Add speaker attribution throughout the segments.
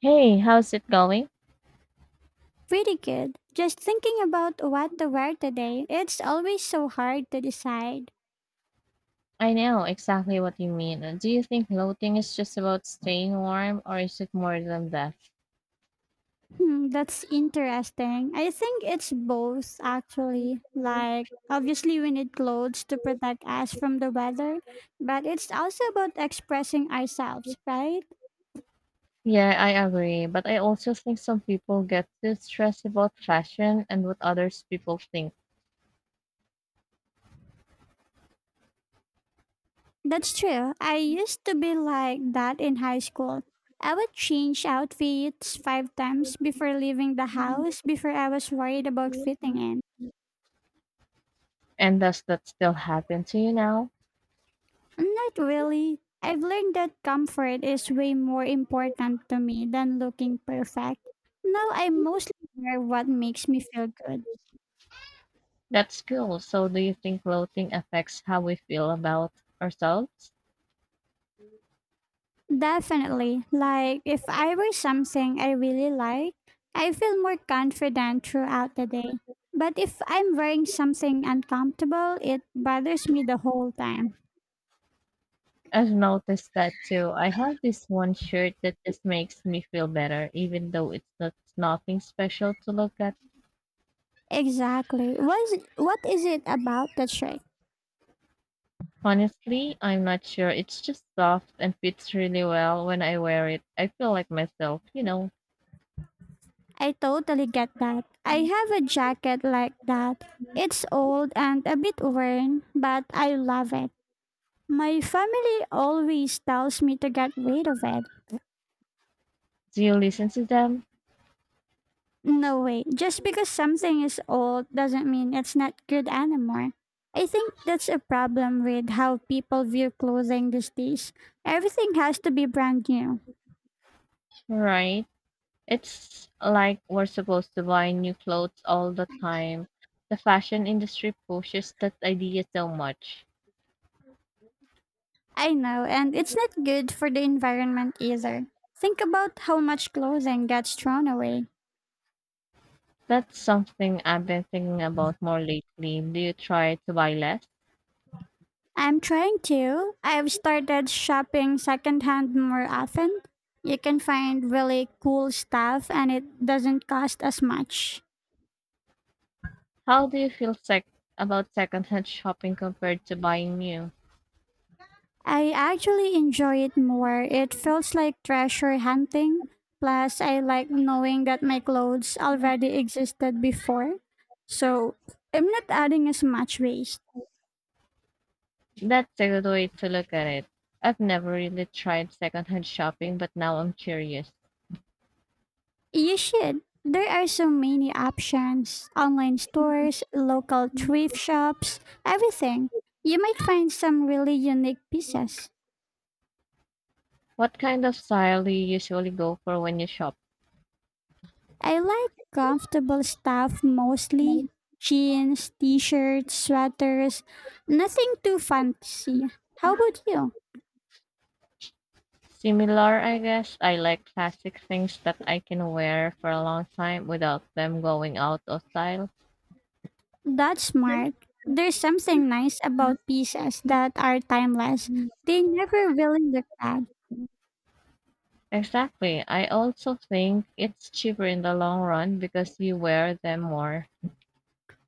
Speaker 1: Hey, how's it going?
Speaker 2: Pretty good. Just thinking about what to wear today, it's always so hard to decide.
Speaker 1: I know exactly what you mean. Do you think bloating is just about staying warm, or is it more than that?
Speaker 2: Hmm, that's interesting. I think it's both, actually. Like, obviously, we need clothes to protect us from the weather, but it's also about expressing ourselves, right?
Speaker 1: Yeah, I agree. But I also think some people get too stressed about fashion and what others people think.
Speaker 2: That's true. I used to be like that in high school. I would change outfits five times before leaving the house before I was worried about fitting in.
Speaker 1: And does that still happen to you now?
Speaker 2: Not really. I've learned that comfort is way more important to me than looking perfect. Now I mostly wear what makes me feel good.
Speaker 1: That's cool. So do you think bloating affects how we feel about ourselves?
Speaker 2: Definitely. Like, if I wear something I really like, I feel more confident throughout the day. But if I'm wearing something uncomfortable, it bothers me the whole time.
Speaker 1: I've noticed that too. I have this one shirt that just makes me feel better, even though it's not nothing special to look at.
Speaker 2: Exactly. What is it about the shirt?
Speaker 1: Honestly, I'm not sure. It's just soft and fits really well when I wear it. I feel like myself, you know.
Speaker 2: I totally get that. I have a jacket like that. It's old and a bit worn, but I love it. My family always tells me to get rid of it.
Speaker 1: Do you listen to them?
Speaker 2: No way, just because something is old doesn't mean it's not good anymore. I think that's a problem with how people view clothing these days. Everything has to be brand new.
Speaker 1: Right? It's like we're supposed to buy new clothes all the time. The fashion industry pushes that idea so much.
Speaker 2: I know, and it's not good for the environment either. Think about how much clothing gets thrown away.
Speaker 1: That's something I've been thinking about more lately. Do you try to buy less?
Speaker 2: I'm trying to. I've started shopping secondhand more often. You can find really cool stuff and it doesn't cost as much.
Speaker 1: How do you feel sec- About secondhand shopping compared to buying new?
Speaker 2: I actually enjoy it more. It feels like treasure hunting. Plus, I like knowing that my clothes already existed before. So, I'm not adding as much waste.
Speaker 1: That's a good way to look at it. I've never really tried secondhand shopping, but now I'm curious.
Speaker 2: You should. There are so many options online stores, local thrift shops, everything. You might find some really unique pieces.
Speaker 1: What kind of style do you usually go for when you shop?
Speaker 2: I like comfortable stuff mostly jeans, t shirts, sweaters, nothing too fancy. How about you?
Speaker 1: Similar, I guess. I like classic things that I can wear for a long time without them going out of style.
Speaker 2: That's smart. There's something nice about pieces that are timeless, they never really look bad.
Speaker 1: Exactly. I also think it's cheaper in the long run because you wear them more.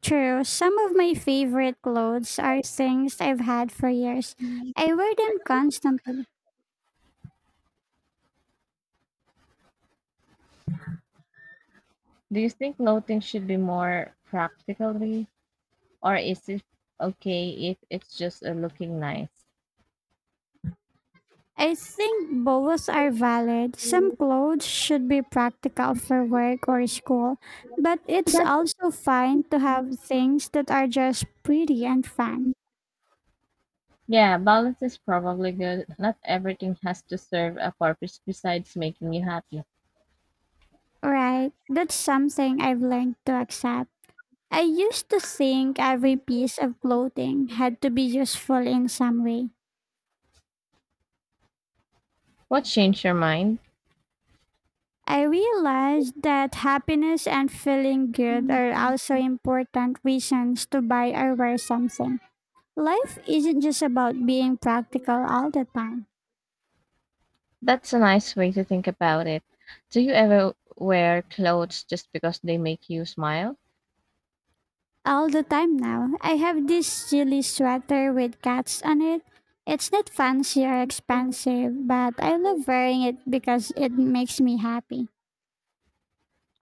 Speaker 2: True, some of my favorite clothes are things I've had for years. I wear them constantly.
Speaker 1: Do you think clothing should be more practical? Or is it okay if it's just looking nice?
Speaker 2: I think both are valid. Some clothes should be practical for work or
Speaker 1: But
Speaker 2: school, but it's also fine to have things that are just pretty and fun.
Speaker 1: yeah, balance is probably good. Not everything has to serve a purpose besides making you happy.
Speaker 2: Right? That's something I've learned to accept. I used to think every piece of clothing had to be useful in some way.
Speaker 1: What changed your mind?
Speaker 2: I realized that happiness and feeling good are also important reasons to buy or wear something. Life isn't just about being practical all the time.
Speaker 1: That's a nice way to think about it. Do you ever wear clothes just because they make you smile?
Speaker 2: All the time now, I have this silly sweater with cats on it. It's not fancy or expensive, but I love wearing it because it makes me happy.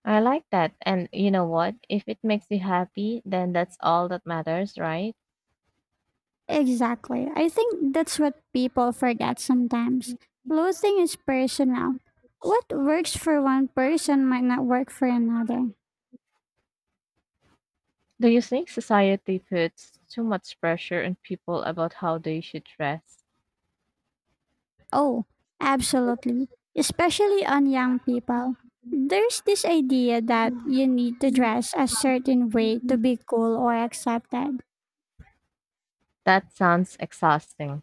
Speaker 1: I like that. And you know what? If it makes you happy, then that's all that matters, right?
Speaker 2: Exactly. I think that's what people forget sometimes. Clothing is personal. What works for one person might not work for another.
Speaker 1: Do you think society puts too much pressure on people about how they should dress?
Speaker 2: Oh, absolutely. Especially on young people. There's this idea that you need to dress a certain way to be cool or accepted.
Speaker 1: That sounds exhausting,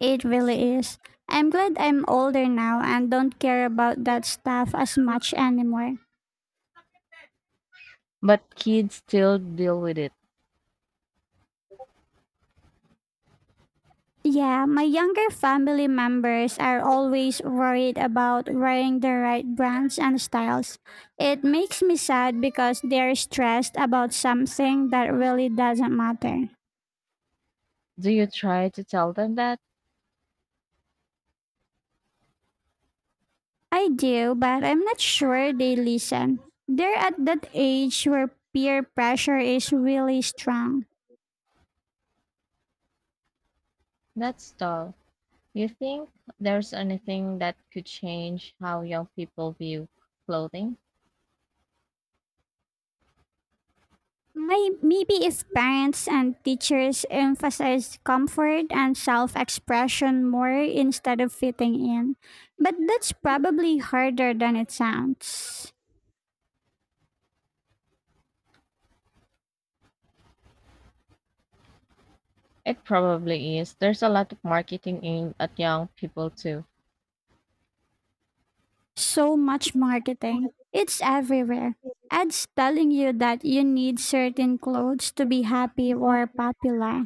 Speaker 2: It really is. I'm glad I'm older now and don't care about that stuff as much anymore.
Speaker 1: but kids still deal with it.
Speaker 2: Yeah, my younger family members are always worried about wearing the right brands and styles. It makes me sad because they're stressed about something that really doesn't matter.
Speaker 1: Do you try to tell them that?
Speaker 2: I do, but I'm not sure they listen. They're at that age where peer pressure is really strong.
Speaker 1: That's dull. You think there's anything that could change how young people view clothing?
Speaker 2: Maybe if parents and teachers emphasize comfort and self expression more instead of fitting in. But that's probably harder than it sounds.
Speaker 1: It probably is. There's a lot of marketing aimed at young people too.
Speaker 2: So much marketing, it's everywhere. Ads telling you that you need certain clothes to be happy or popular.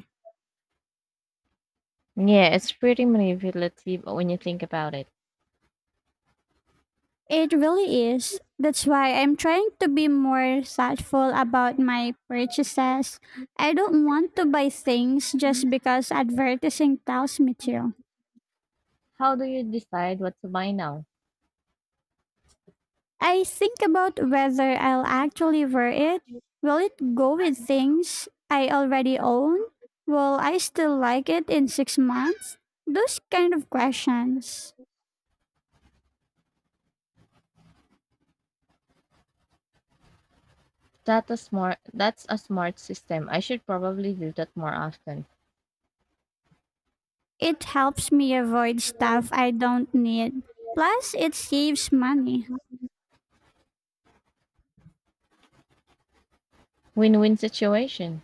Speaker 1: Yeah, it's pretty manipulative when you think about it.
Speaker 2: It really is. That's why I'm trying to be more thoughtful about my purchases. I don't want to buy things just because advertising tells me to.
Speaker 1: How do you decide what to buy now?
Speaker 2: I think about whether I'll actually wear it. Will it go with things I already own? Will I still like it in 6 months? Those kind of questions.
Speaker 1: That a smart that's a smart system. I should probably do that more often.
Speaker 2: It helps me avoid stuff I don't need. Plus, it saves money.
Speaker 1: Win-win situation.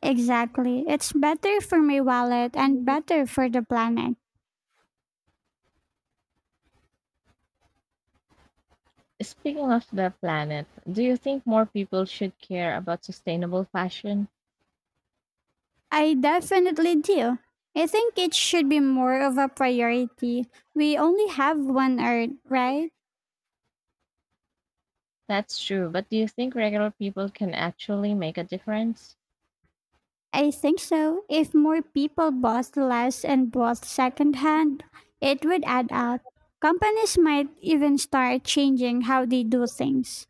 Speaker 2: Exactly. It's better for my wallet and better for the planet.
Speaker 1: Speaking of the planet, do you think more people should care about sustainable fashion?
Speaker 2: I definitely do. I think it should be more of a priority. We only have one Earth, right?
Speaker 1: That's true, but do you think regular people can actually make a difference?
Speaker 2: I think so. If more people bought less and bought secondhand, it would add up. Companies might even start changing how they do things.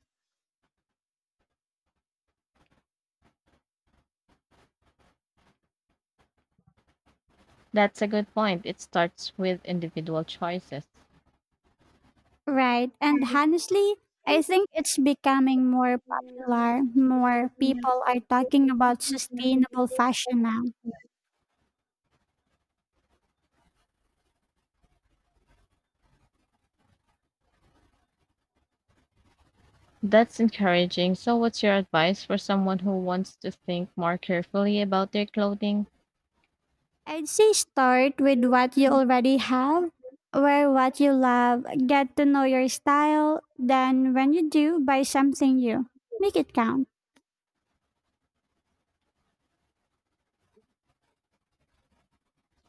Speaker 1: That's a good point. It starts with individual choices.
Speaker 2: Right. And honestly, I think it's becoming more popular. More people are talking about sustainable fashion now.
Speaker 1: That's encouraging. So, what's your advice for someone who wants to think more carefully about their clothing?
Speaker 2: I'd say start with what you already have, wear what you love, get to know your style. Then, when you do, buy something new. Make it count.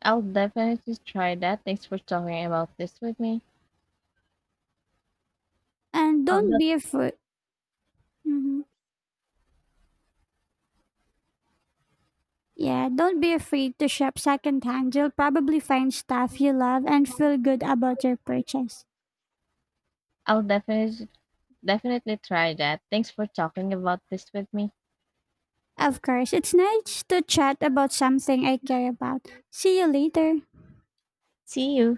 Speaker 1: I'll definitely try that. Thanks for talking about this with me.
Speaker 2: And
Speaker 1: Um,
Speaker 2: don't
Speaker 1: that-
Speaker 2: be afraid. Mhm. Yeah, don't be afraid to shop secondhand. You'll probably find stuff you love and feel good about your purchase.
Speaker 1: I'll definitely try that. Thanks for talking about this with me.
Speaker 2: Of course, it's nice to chat about something I care about. See you later.
Speaker 1: See you.